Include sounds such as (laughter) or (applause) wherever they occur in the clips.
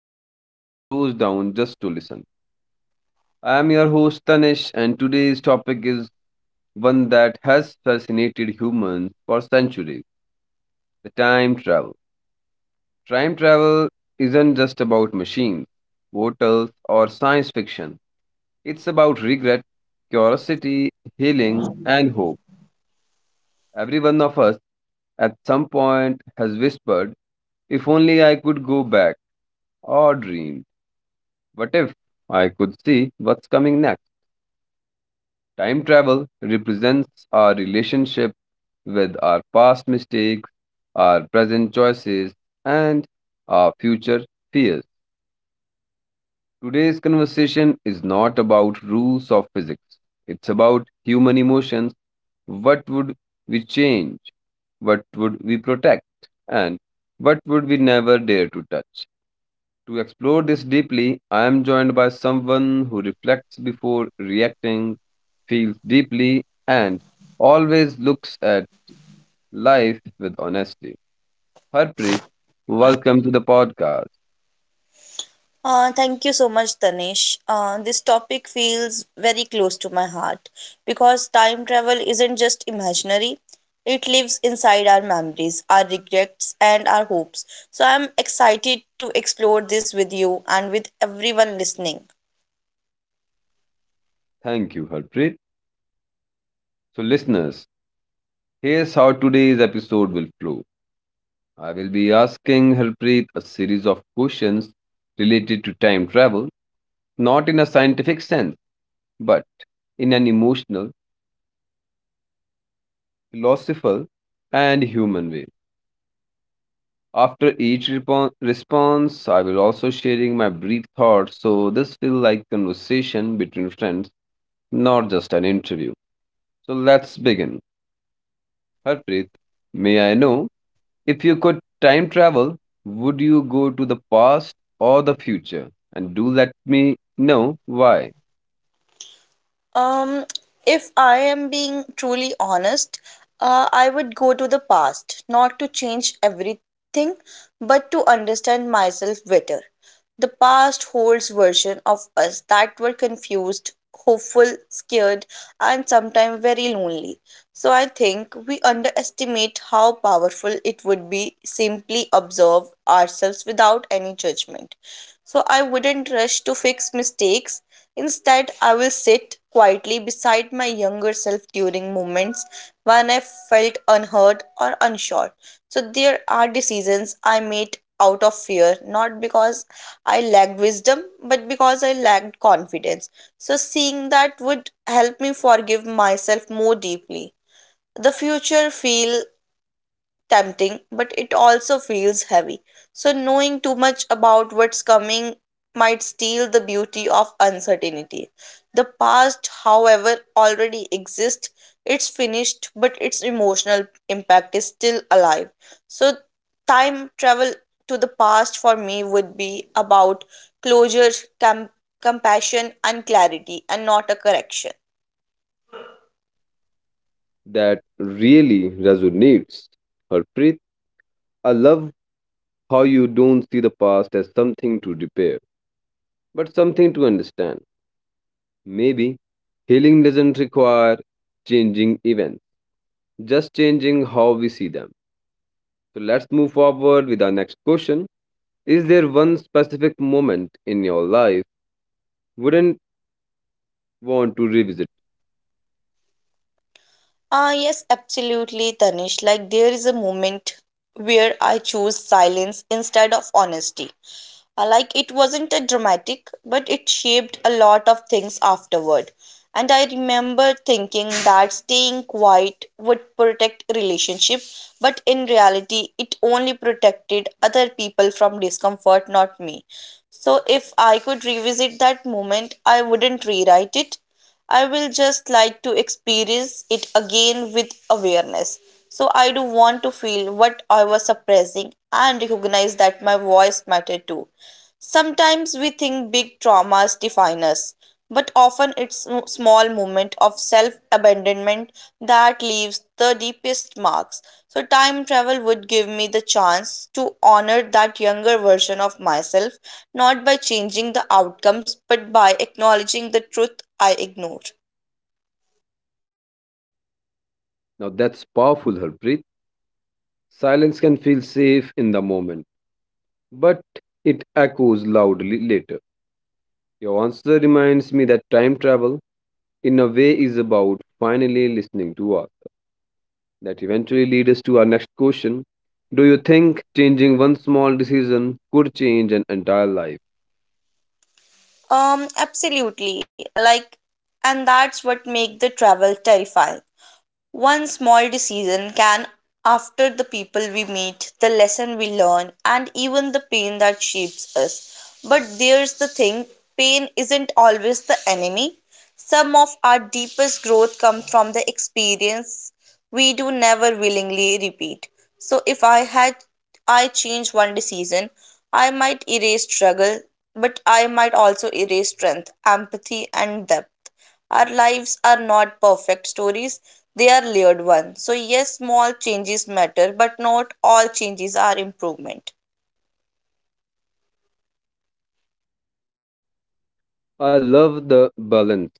feels like it slows down just to listen. I am your host Tanish, and today's topic is one that has fascinated humans for centuries: the time travel. Time travel isn't just about machines, portals, or science fiction. It's about regret, curiosity, healing, and hope. Every one of us at some point has whispered, "If only I could go back," or dreamed, "What if I could see what's coming next?" Time travel represents our relationship with our past mistakes, our present choices, and our future fears. Today's conversation is not about rules of physics, it's about human emotions. What would we change? What would we protect? And what would we never dare to touch? To explore this deeply, I am joined by someone who reflects before reacting, feels deeply, and always looks at life with honesty. Harpreet, welcome to the podcast. Thank you so much, Tanish. This topic feels very close to my heart because time travel isn't just imaginary, it lives inside our memories, our regrets, and our hopes. So I'm excited to explore this with you and with everyone listening. Thank you, Harpreet. So, listeners, here's how today's episode will flow. I will be asking Harpreet a series of questions related to time travel, not in a scientific sense, but in an emotional, philosophical, and human way. After each repon response, I will also sharing my brief thoughts. So this feels like conversation between friends, not just an interview. So let's begin. Harpreet, may I know, if you could time travel, would you go to the past or the future? And do let me know why. Um, if I am being truly honest, I would go to the past, not to change everything, but to understand myself better. The past holds versions of us that were confused, hopeful, scared, and sometimes very lonely. So I think we underestimate how powerful it would be simply observe ourselves without any judgment. So I wouldn't rush to fix mistakes. Instead, I will sit quietly beside my younger self during moments when I felt unheard or unsure. So there are decisions I made out of fear, not because I lacked wisdom, but because I lacked confidence. So seeing that would help me forgive myself more deeply. The future feel tempting, but it also feels heavy. So, knowing too much about what's coming might steal the beauty of uncertainty. The past, however, already exists, it's finished, but its emotional impact is still alive. So, time travel to the past for me would be about closure, com- compassion, and clarity, and not a correction. That really resonates. Harpreet, I love how you don't see the past as something to repair, but something to understand. Maybe healing doesn't require changing events, just changing how we see them. So let's move forward with our next question. Is there one specific moment in your life wouldn't want to revisit? Ah, yes, absolutely, Tanish. Like, there is a moment where I choose silence instead of honesty. Like it wasn't a dramatic, but it shaped a lot of things afterward. And I remember thinking that staying quiet would protect relationship, but in reality, it only protected other people from discomfort, not me. So if I could revisit that moment, I wouldn't rewrite it. I will just like to experience it again with awareness. So I do want to feel what I was suppressing and recognize that my voice mattered too. Sometimes we think big traumas define us, but often it's small moment of self-abandonment that leaves the deepest marks. So time travel would give me the chance to honor that younger version of myself, not by changing the outcomes, but by acknowledging the truth I ignored. Now that's powerful, Harpreet. Silence can feel safe in the moment, but it echoes loudly later. Your answer reminds me that time travel, in a way, is about finally listening to us. That eventually leads us to our next question. Do you think changing one small decision could change an entire life? Absolutely. Like, and that's what makes the travel terrifying. One small decision can after the people we meet, the lesson we learn, and even the pain that shapes us. But there's the thing, pain isn't always the enemy. Some of our deepest growth comes from the experience we do never willingly repeat. So if I had I changed one decision, I might erase struggle, but I might also erase strength, empathy and depth. Our lives are not perfect stories, they are layered ones. So, yes, small changes matter, but not all changes are improvement. (clears throat) I love the balance.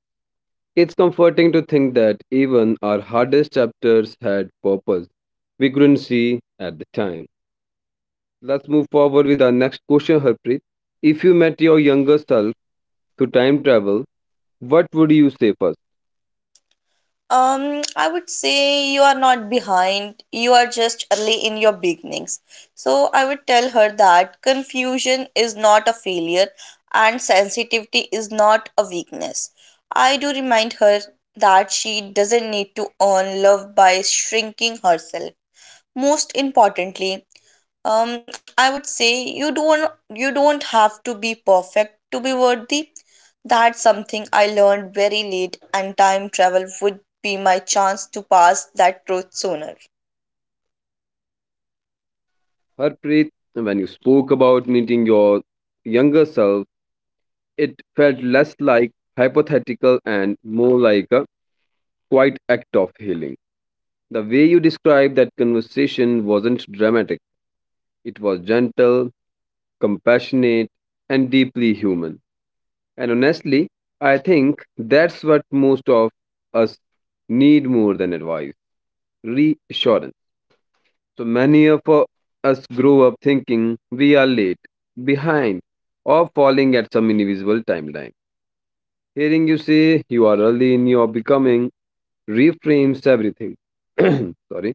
It's comforting to think that even our hardest chapters had purpose we couldn't see at the time. Let's move forward with our next question, Harpreet. If you met your younger self through time travel, what would you say first? I would say you are not behind, you are just early in your beginnings. So, I would tell her that confusion is not a failure and sensitivity is not a weakness. I do remind her that she doesn't need to earn love by shrinking herself. Most importantly, I would say you don't you don't have to be perfect to be worthy. That's something I learned very late, and time travel would be my chance to pass that truth sooner. Harpreet, when you spoke about meeting your younger self, it felt less like hypothetical and more like a quiet act of healing. The way you described that conversation wasn't dramatic, it was gentle, compassionate, and deeply human. And honestly, I think that's what most of us need more than advice: reassurance. So many of us grow up thinking we are late, behind, or falling at some invisible timeline. Hearing you say you are early in your becoming reframes everything. (clears throat) Sorry.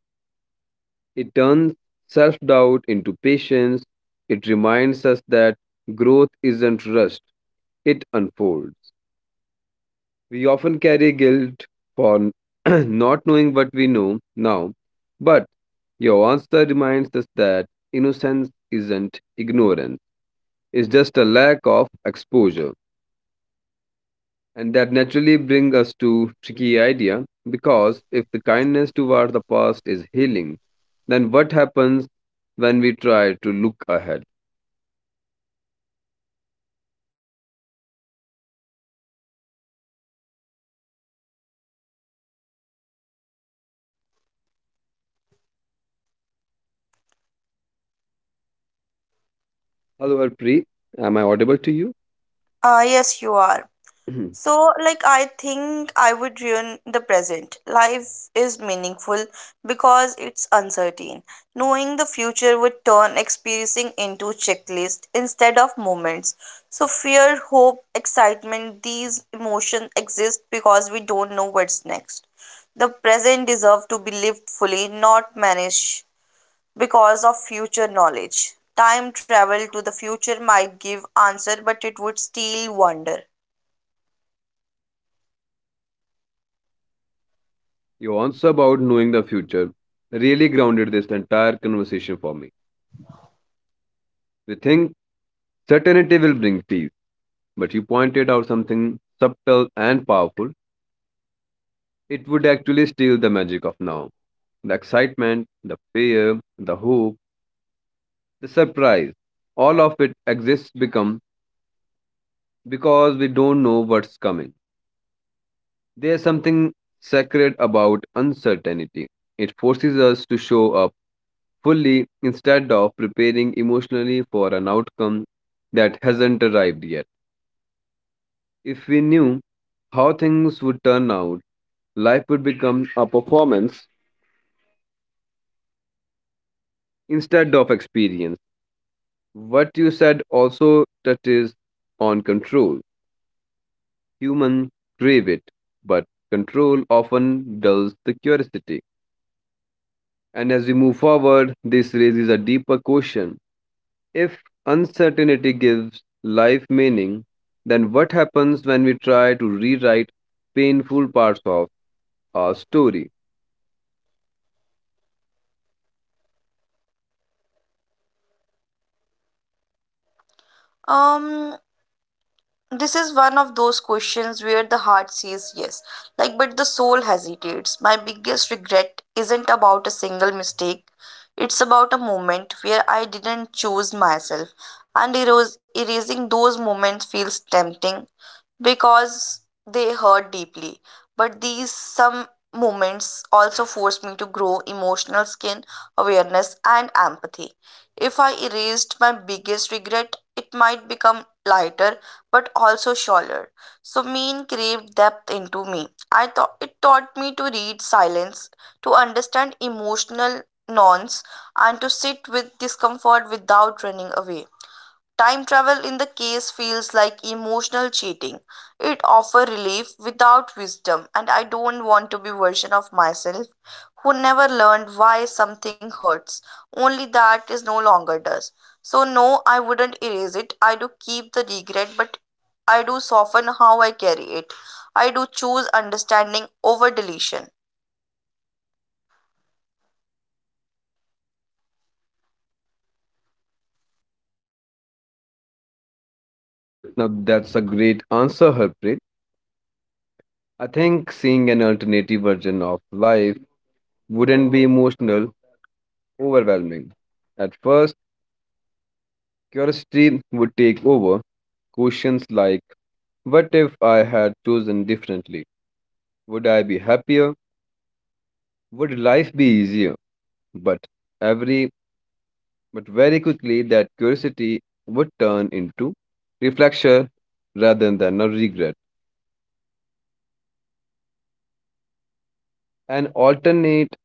It turns self doubt into patience. It reminds us that growth isn't rushed, it unfolds. We often carry guilt for (clears throat) not knowing what we know now, but your answer reminds us that innocence isn't ignorance, it's just a lack of exposure. And that naturally brings us to tricky idea, because if the kindness toward the past is healing, then what happens when we try to look ahead? Hello, Harpreet. Am I audible to you? Ah, yes, you are. (clears throat) So, like, I think I would ruin the present. Life is meaningful because it's uncertain. Knowing the future would turn experiencing into checklist instead of moments. So, fear, hope, excitement, these emotions exist because we don't know what's next. The present deserves to be lived fully, not managed because of future knowledge. Time travel to the future might give answer, but it would steal wonder. Your answer about knowing the future really grounded this entire conversation for me. We think certainty will bring peace, but you pointed out something subtle and powerful. It would actually steal the magic of now. The excitement, the fear, the hope, the surprise, all of it exists become because we don't know what's coming. There's something sacred about uncertainty. It forces us to show up fully instead of preparing emotionally for an outcome that hasn't arrived yet. If we knew how things would turn out, life would become a performance instead of experience. What you said also touches on control. Humans crave it, but control often dulls the curiosity. And as we move forward, this raises a deeper question. If uncertainty gives life meaning, then what happens when we try to rewrite painful parts of our story? Um, this is one of those questions where the heart says yes like but the soul hesitates. My biggest regret isn't about a single mistake, it's about a moment where I didn't choose myself, and erasing those moments feels tempting because they hurt deeply. But these some moments also forced me to grow emotional skin, awareness and empathy. If I erased my biggest regret, it might become lighter but also shallower. So mean craved depth into me. I thought it taught me to read silence, to understand emotional nuance, and to sit with discomfort without running away. Time travel in the case feels like emotional cheating. It offers relief without wisdom, and I don't want to be version of myself who never learned why something hurts, only that is no longer does. So no, I wouldn't erase it. I do keep the regret, but I do soften how I carry it. I do choose understanding over deletion. Now, that's a great answer, Harpreet. I think seeing an alternative version of life wouldn't be emotional, overwhelming. At first, curiosity would take over. Questions like, what if I had chosen differently? Would I be happier? Would life be easier? But every but very quickly that curiosity would turn into reflection rather than a regret. An alternate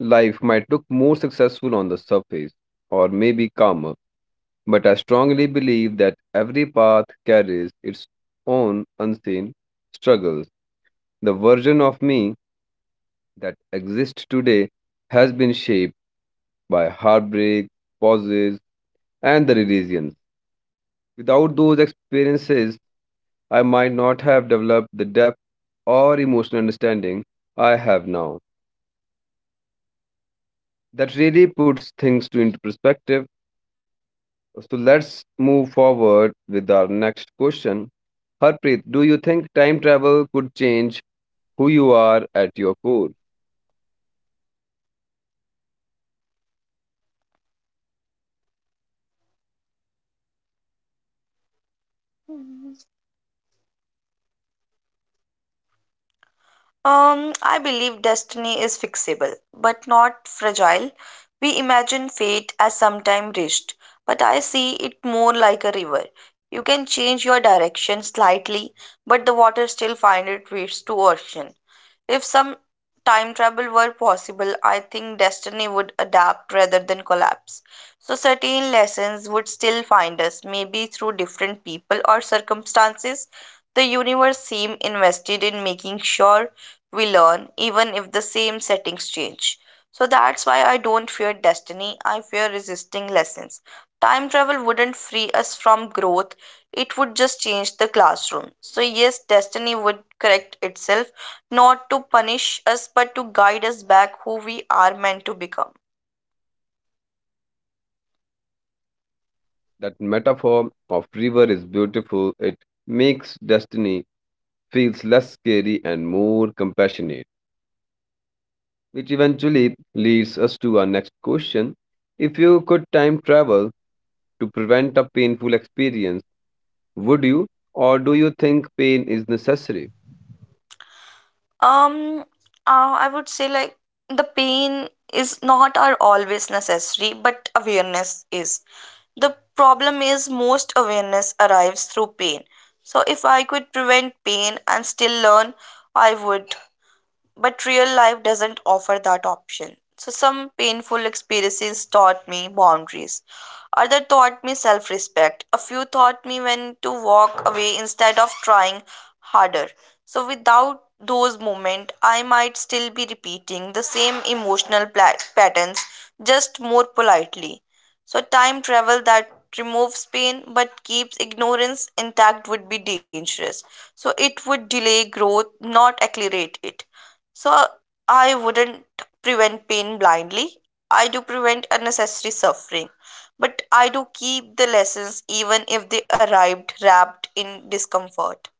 life might look more successful on the surface or maybe calmer, but I strongly believe that every path carries its own unseen struggles. The version of me that exists today has been shaped by heartbreak, pauses, and the revisions. Without those experiences, I might not have developed the depth or emotional understanding I have now. That really puts things to into perspective. So let's move forward with our next question. Harpreet, do you think time travel could change who you are at your core? I believe destiny is fixable, but not fragile. We imagine fate as sometime reached, but I see it more like a river. You can change your direction slightly, but the water still finds its way to ocean. If some time travel were possible, I think destiny would adapt rather than collapse. So, certain lessons would still find us, maybe through different people or circumstances. The universe seems invested in making sure we learn, even if the same settings change. So, that's why I don't fear destiny, I fear resisting lessons. Time travel wouldn't free us from growth, it would just change the classroom. So, yes, destiny would correct itself not to punish us but to guide us back who we are meant to become. That metaphor of river is beautiful. It makes destiny feels less scary and more compassionate. Which eventually leads us to our next question. If you could time travel to prevent a painful experience, would you? Or do you think pain is necessary? um I would say like the pain is not are always necessary but awareness is. The problem is most awareness arrives through pain, so if I could prevent pain and still learn, I would, but real life doesn't offer that option. So, some painful experiences taught me boundaries. Other taught me self respect. A few taught me when to walk away instead of trying harder. So, without those moments, I might still be repeating the same emotional patterns, just more politely. So, time travel that removes pain but keeps ignorance intact would be dangerous. So, it would delay growth, not accelerate it. So I wouldn't prevent pain blindly. I do prevent unnecessary suffering. But I do keep the lessons even if they arrived wrapped in discomfort.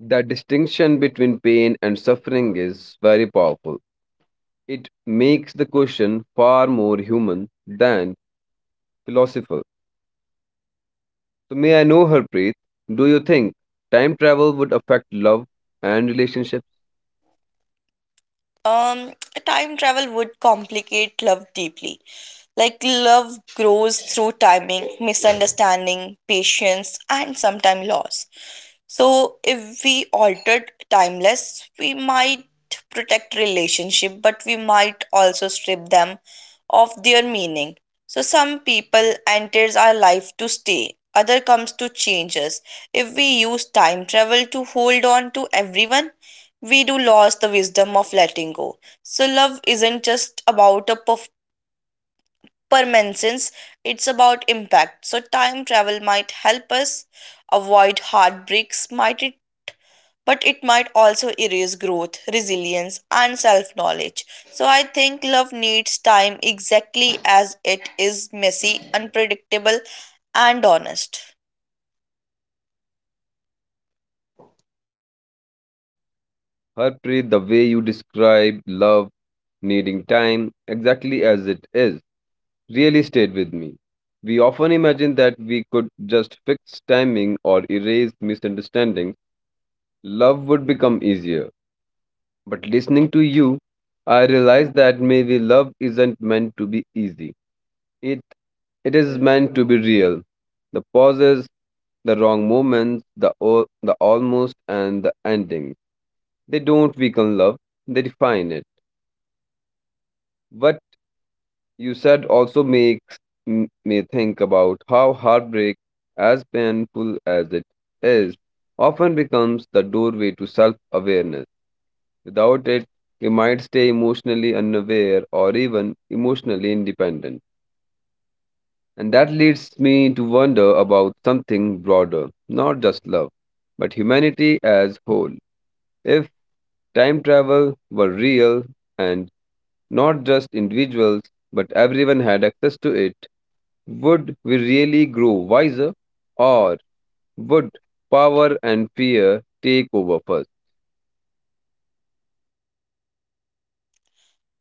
The distinction between pain and suffering is very powerful. It makes the question far more human than philosophical. So, may I know, Harpreet, do you think time travel would affect love and relationships? Um, Time travel would complicate love deeply. Like, love grows through timing, misunderstanding, patience, and sometimes loss. So if we altered timeless, we might protect relationship, but we might also strip them of their meaning. So some people enters our life to stay, other comes to change us. If we use time travel to hold on to everyone, we do lose the wisdom of letting go. So love isn't just about a per mentions, it's about impact. So time travel might help us avoid heartbreaks might it, but it might also erase growth, resilience and self knowledge. So I think love needs time exactly as it is, messy, unpredictable, and honest. Harpreet, the way you describe love needing time exactly as it is really stayed with me. We often imagine that we could just fix timing or erase misunderstandings, love would become easier. But listening to you, I realized that maybe love isn't meant to be easy. It it is meant to be real. The pauses, the wrong moments, the almost and the endings. They don't weaken love, they define it. What you said also makes me think about how heartbreak, as painful as it is, often becomes the doorway to self awareness. Without it, you might stay emotionally unaware or even emotionally independent. And that leads me to wonder about something broader, not just love, but humanity as whole. If time travel were real and not just individuals, but everyone had access to it, would we really grow wiser? Or would power and fear take over first?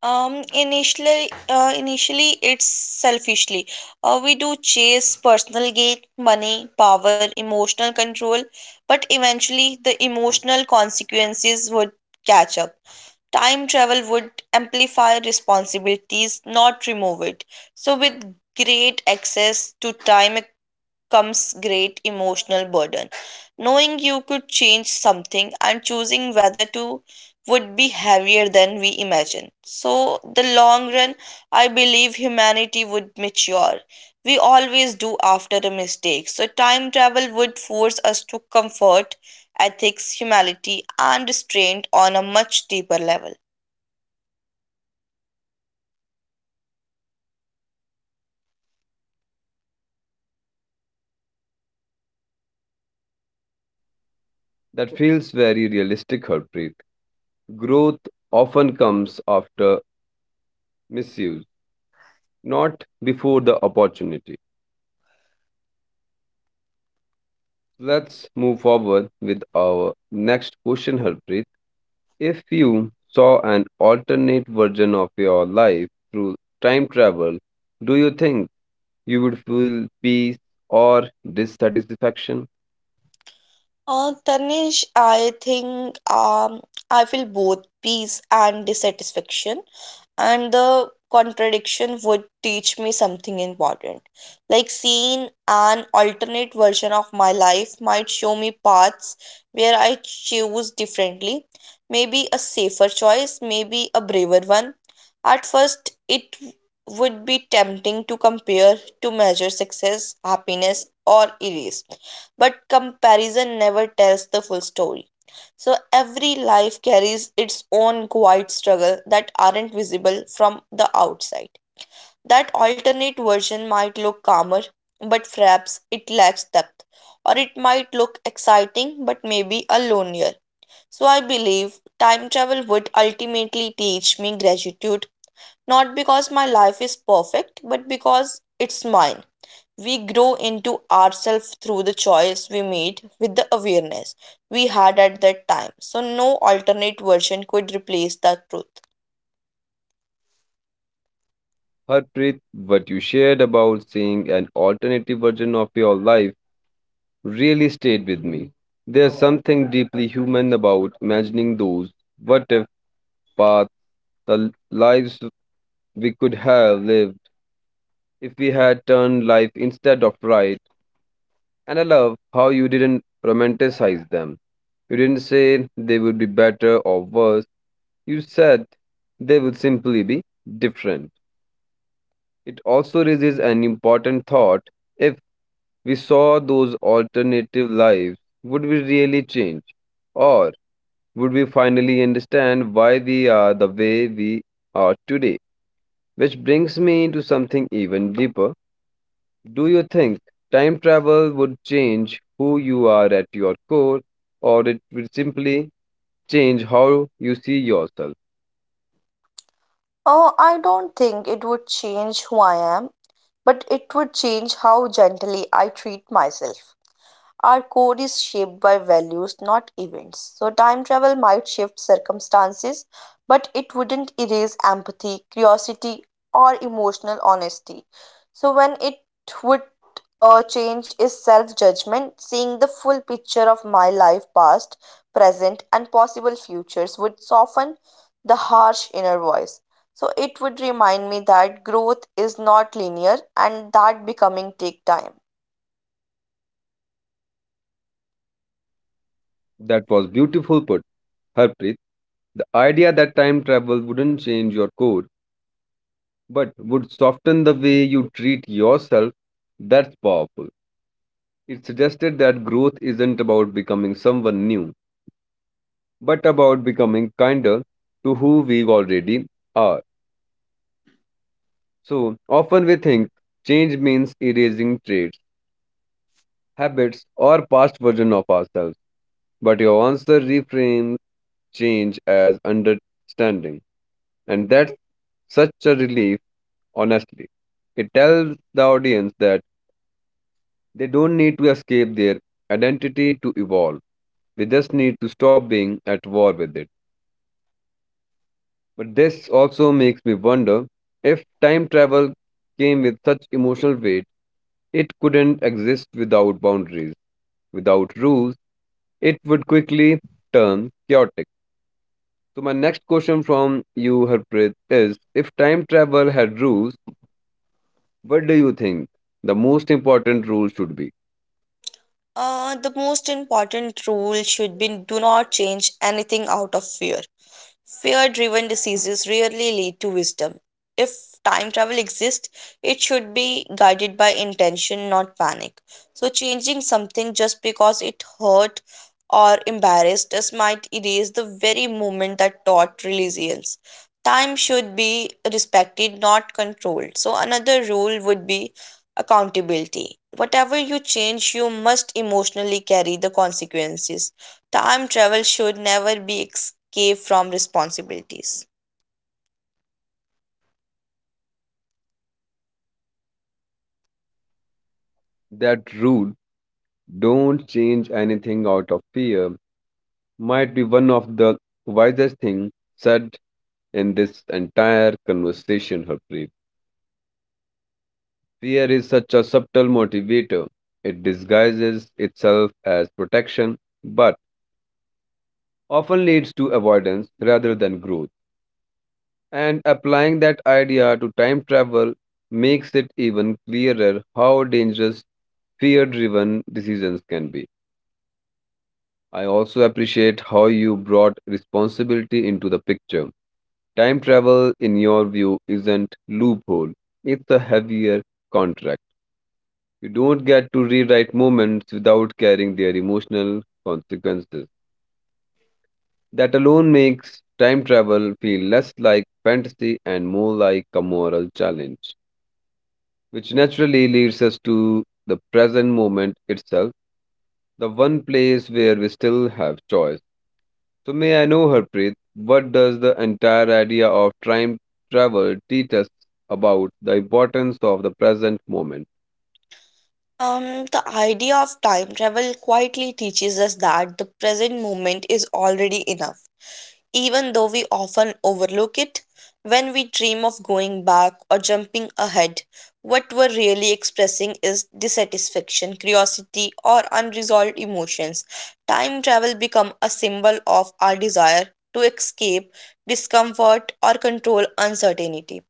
Initially it's selfishly. We do chase personal gain, money, power, emotional control, but eventually the emotional consequences would catch up. Time travel would amplify responsibilities, not remove it. So, with great access to time comes great emotional burden. Knowing you could change something and choosing whether to would be heavier than we imagine. So, the long run, I believe humanity would mature. We always do after a mistake. So, time travel would force us to comfort ethics, humanity, and restraint on a much deeper level. That feels very realistic, Harpreet. Growth often comes after misuse, not before the opportunity. Let's move forward with our next question, Harpreet. If you saw an alternate version of your life through time travel, do you think you would feel peace or dissatisfaction? Tanish, I think I feel both peace and dissatisfaction and the contradiction would teach me something important. Like seeing an alternate version of my life might show me paths where I choose differently, maybe a safer choice, maybe a braver one. At first, it would be tempting to compare, to measure success, happiness, or erase. But comparison never tells the full story. So every life carries its own quiet struggle that aren't visible from the outside. That alternate version might look calmer, but perhaps it lacks depth, or it might look exciting, but maybe a lonelier. So I believe time travel would ultimately teach me gratitude, not because my life is perfect, but because it's mine. We grow into ourselves through the choice we made with the awareness we had at that time. So, no alternate version could replace the truth. Harpreet, what you shared about seeing an alternative version of your life really stayed with me. There's something deeply human about imagining those what if paths, the lives we could have lived if we had turned life instead of right. And I love how you didn't romanticize them. You didn't say they would be better or worse. You said they would simply be different. It also raises an important thought. If we saw those alternative lives, would we really change? Or would we finally understand why we are the way we are today? Which brings me into something even deeper. Do you think time travel would change who you are at your core, or it would simply change how you see yourself? Oh, I don't think it would change who I am, but it would change how gently I treat myself. Our code is shaped by values, not events. So, time travel might shift circumstances, but it wouldn't erase empathy, curiosity, or emotional honesty. So, when it would change is self judgment, seeing the full picture of my life, past, present, and possible futures would soften the harsh inner voice. So, it would remind me that growth is not linear and that becoming take time. That was beautiful put, Harpreet. The idea that time travel wouldn't change your core but would soften the way you treat yourself, that's powerful. It suggested that growth isn't about becoming someone new, but about becoming kinder to who we already are. So often we think change means erasing traits, habits, or past version of ourselves. But your answer reframes change as understanding. And that's such a relief, honestly. It tells the audience that they don't need to escape their identity to evolve. They just need to stop being at war with it. But this also makes me wonder, if time travel came with such emotional weight, it couldn't exist without boundaries, without rules. It would quickly turn chaotic. So, my next question from you, Harpreet, is if time travel had rules, what do you think the most important rule should be? The most important rule should be do not change anything out of fear. Fear driven diseases rarely lead to wisdom. If time travel exists, it should be guided by intention, not panic. So, changing something just because it hurt or embarrassed us might erase the very moment that taught resilience. Time should be respected, not controlled. So, another rule would be accountability. Whatever you change, you must emotionally carry the consequences. Time travel should never be escape from responsibilities. That rule, don't change anything out of fear, might be one of the wisest things said in this entire conversation, Harpreet. Fear is such a subtle motivator. It disguises itself as protection, but often leads to avoidance rather than growth. And applying that idea to time travel makes it even clearer how dangerous fear driven decisions can be. I also appreciate how you brought responsibility into the picture. Time travel, in your view, isn't loophole. It's a heavier contract. You don't get to rewrite moments without carrying their emotional consequences. That alone makes time travel feel less like fantasy and more like a moral challenge, which naturally leads us to the present moment itself, the one place where we still have choice. So may I know, Harpreet, what does the entire idea of time travel teach us about the importance of the present moment? The idea of time travel quietly teaches us that the present moment is already enough, even though we often overlook it when we dream of going back or jumping ahead. What we're really expressing is dissatisfaction, curiosity, or unresolved emotions. Time travel become a symbol of our desire to escape discomfort or control uncertainty.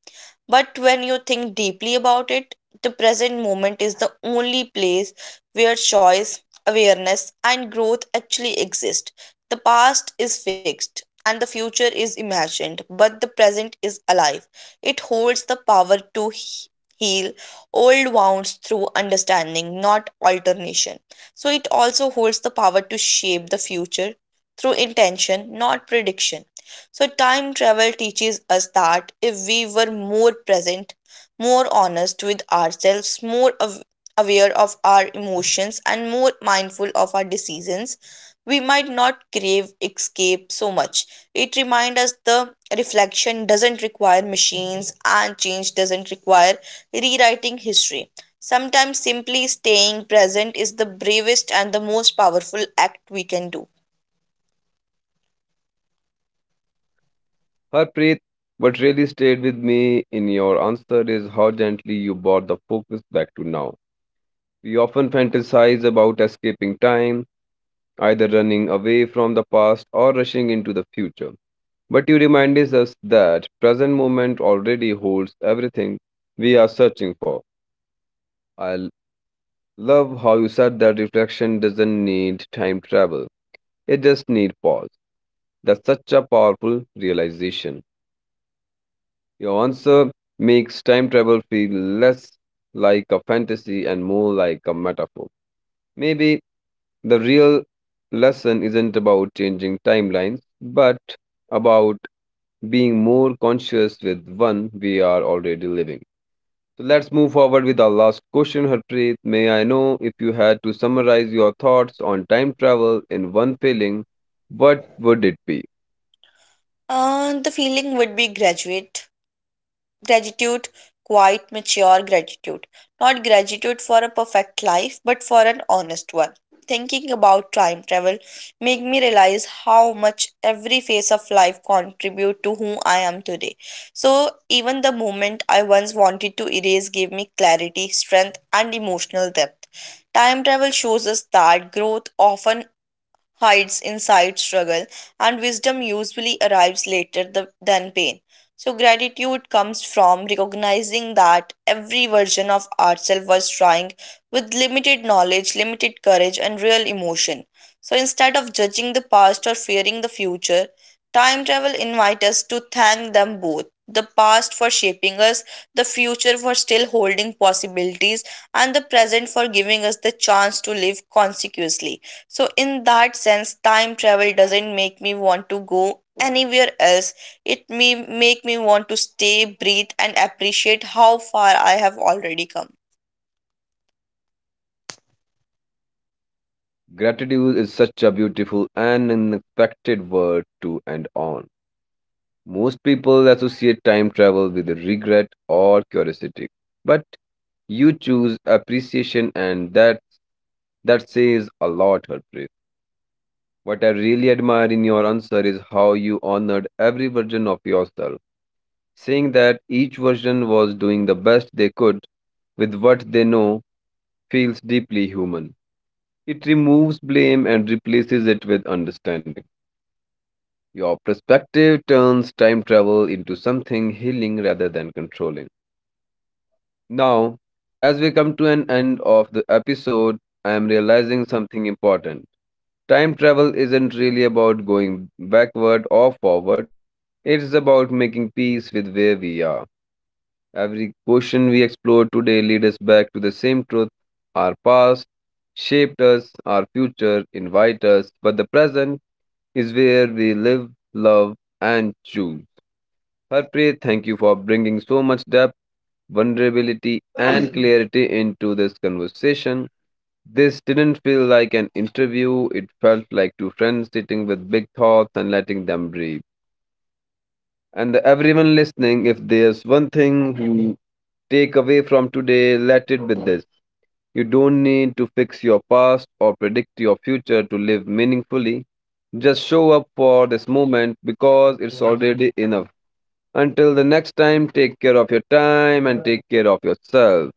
But when you think deeply about it, the present moment is the only place where choice, awareness, and growth actually exist. The past is fixed and the future is imagined, but the present is alive. It holds the power to heal old wounds through understanding, not alternation. So it also holds the power to shape the future through intention, not prediction. So, time travel teaches us that if we were more present, more honest with ourselves, more aware of our emotions, and more mindful of our decisions, we might not crave escape so much. It reminds us the reflection doesn't require machines and change doesn't require rewriting history. Sometimes simply staying present is the bravest and the most powerful act we can do. Harpreet, what really stayed with me in your answer is how gently you brought the focus back to now. We often fantasize about escaping time, either running away from the past or rushing into the future. But you remind us that present moment already holds everything we are searching for. I love how you said that reflection doesn't need time travel. It just needs pause. That's such a powerful realization. Your answer makes time travel feel less like a fantasy and more like a metaphor. Maybe the real lesson isn't about changing timelines, but about being more conscious with one we are already living. So let's move forward with our last question, Harpreet. May I know, if you had to summarize your thoughts on time travel in one feeling, what would it be? The feeling would be graduate gratitude, quite mature gratitude. Not gratitude for a perfect life, but for an honest one. Thinking about time travel make me realize how much every phase of life contribute to who I am today. So even the moment I once wanted to erase gave me clarity, strength and emotional depth. Time travel shows us that growth often hides inside struggle, and wisdom usually arrives later than pain. So, gratitude comes from recognizing that every version of ourselves was trying with limited knowledge, limited courage, and real emotion. So, instead of judging the past or fearing the future, time travel invites us to thank them both, the past for shaping us, the future for still holding possibilities, and the present for giving us the chance to live consequently. So, in that sense, time travel doesn't make me want to go anywhere else. It may make me want to stay, breathe, and appreciate how far I have already come. Gratitude is such a beautiful and unexpected word to end on. Most people associate time travel with regret or curiosity, but you choose appreciation, and that says a lot, Harpreet. What I really admire in your answer is how you honored every version of yourself, saying that each version was doing the best they could with what they know feels deeply human. It removes blame and replaces it with understanding. Your perspective turns time travel into something healing rather than controlling. Now, as we come to an end of the episode, I am realizing something important. Time travel isn't really about going backward or forward, it's about making peace with where we are. Every question we explore today leads us back to the same truth. Our past shaped us, our future invite us, but the present is where we live, love, and choose. Harpreet, thank you for bringing so much depth, vulnerability, and (clears throat) clarity into this conversation. This didn't feel like an interview, it felt like two friends sitting with big thoughts and letting them breathe. And everyone listening, if there's one thing you take away from today, let it be this. You don't need to fix your past or predict your future to live meaningfully. Just show up for this moment because it's already enough. Until the next time, take care of your time and take care of yourself.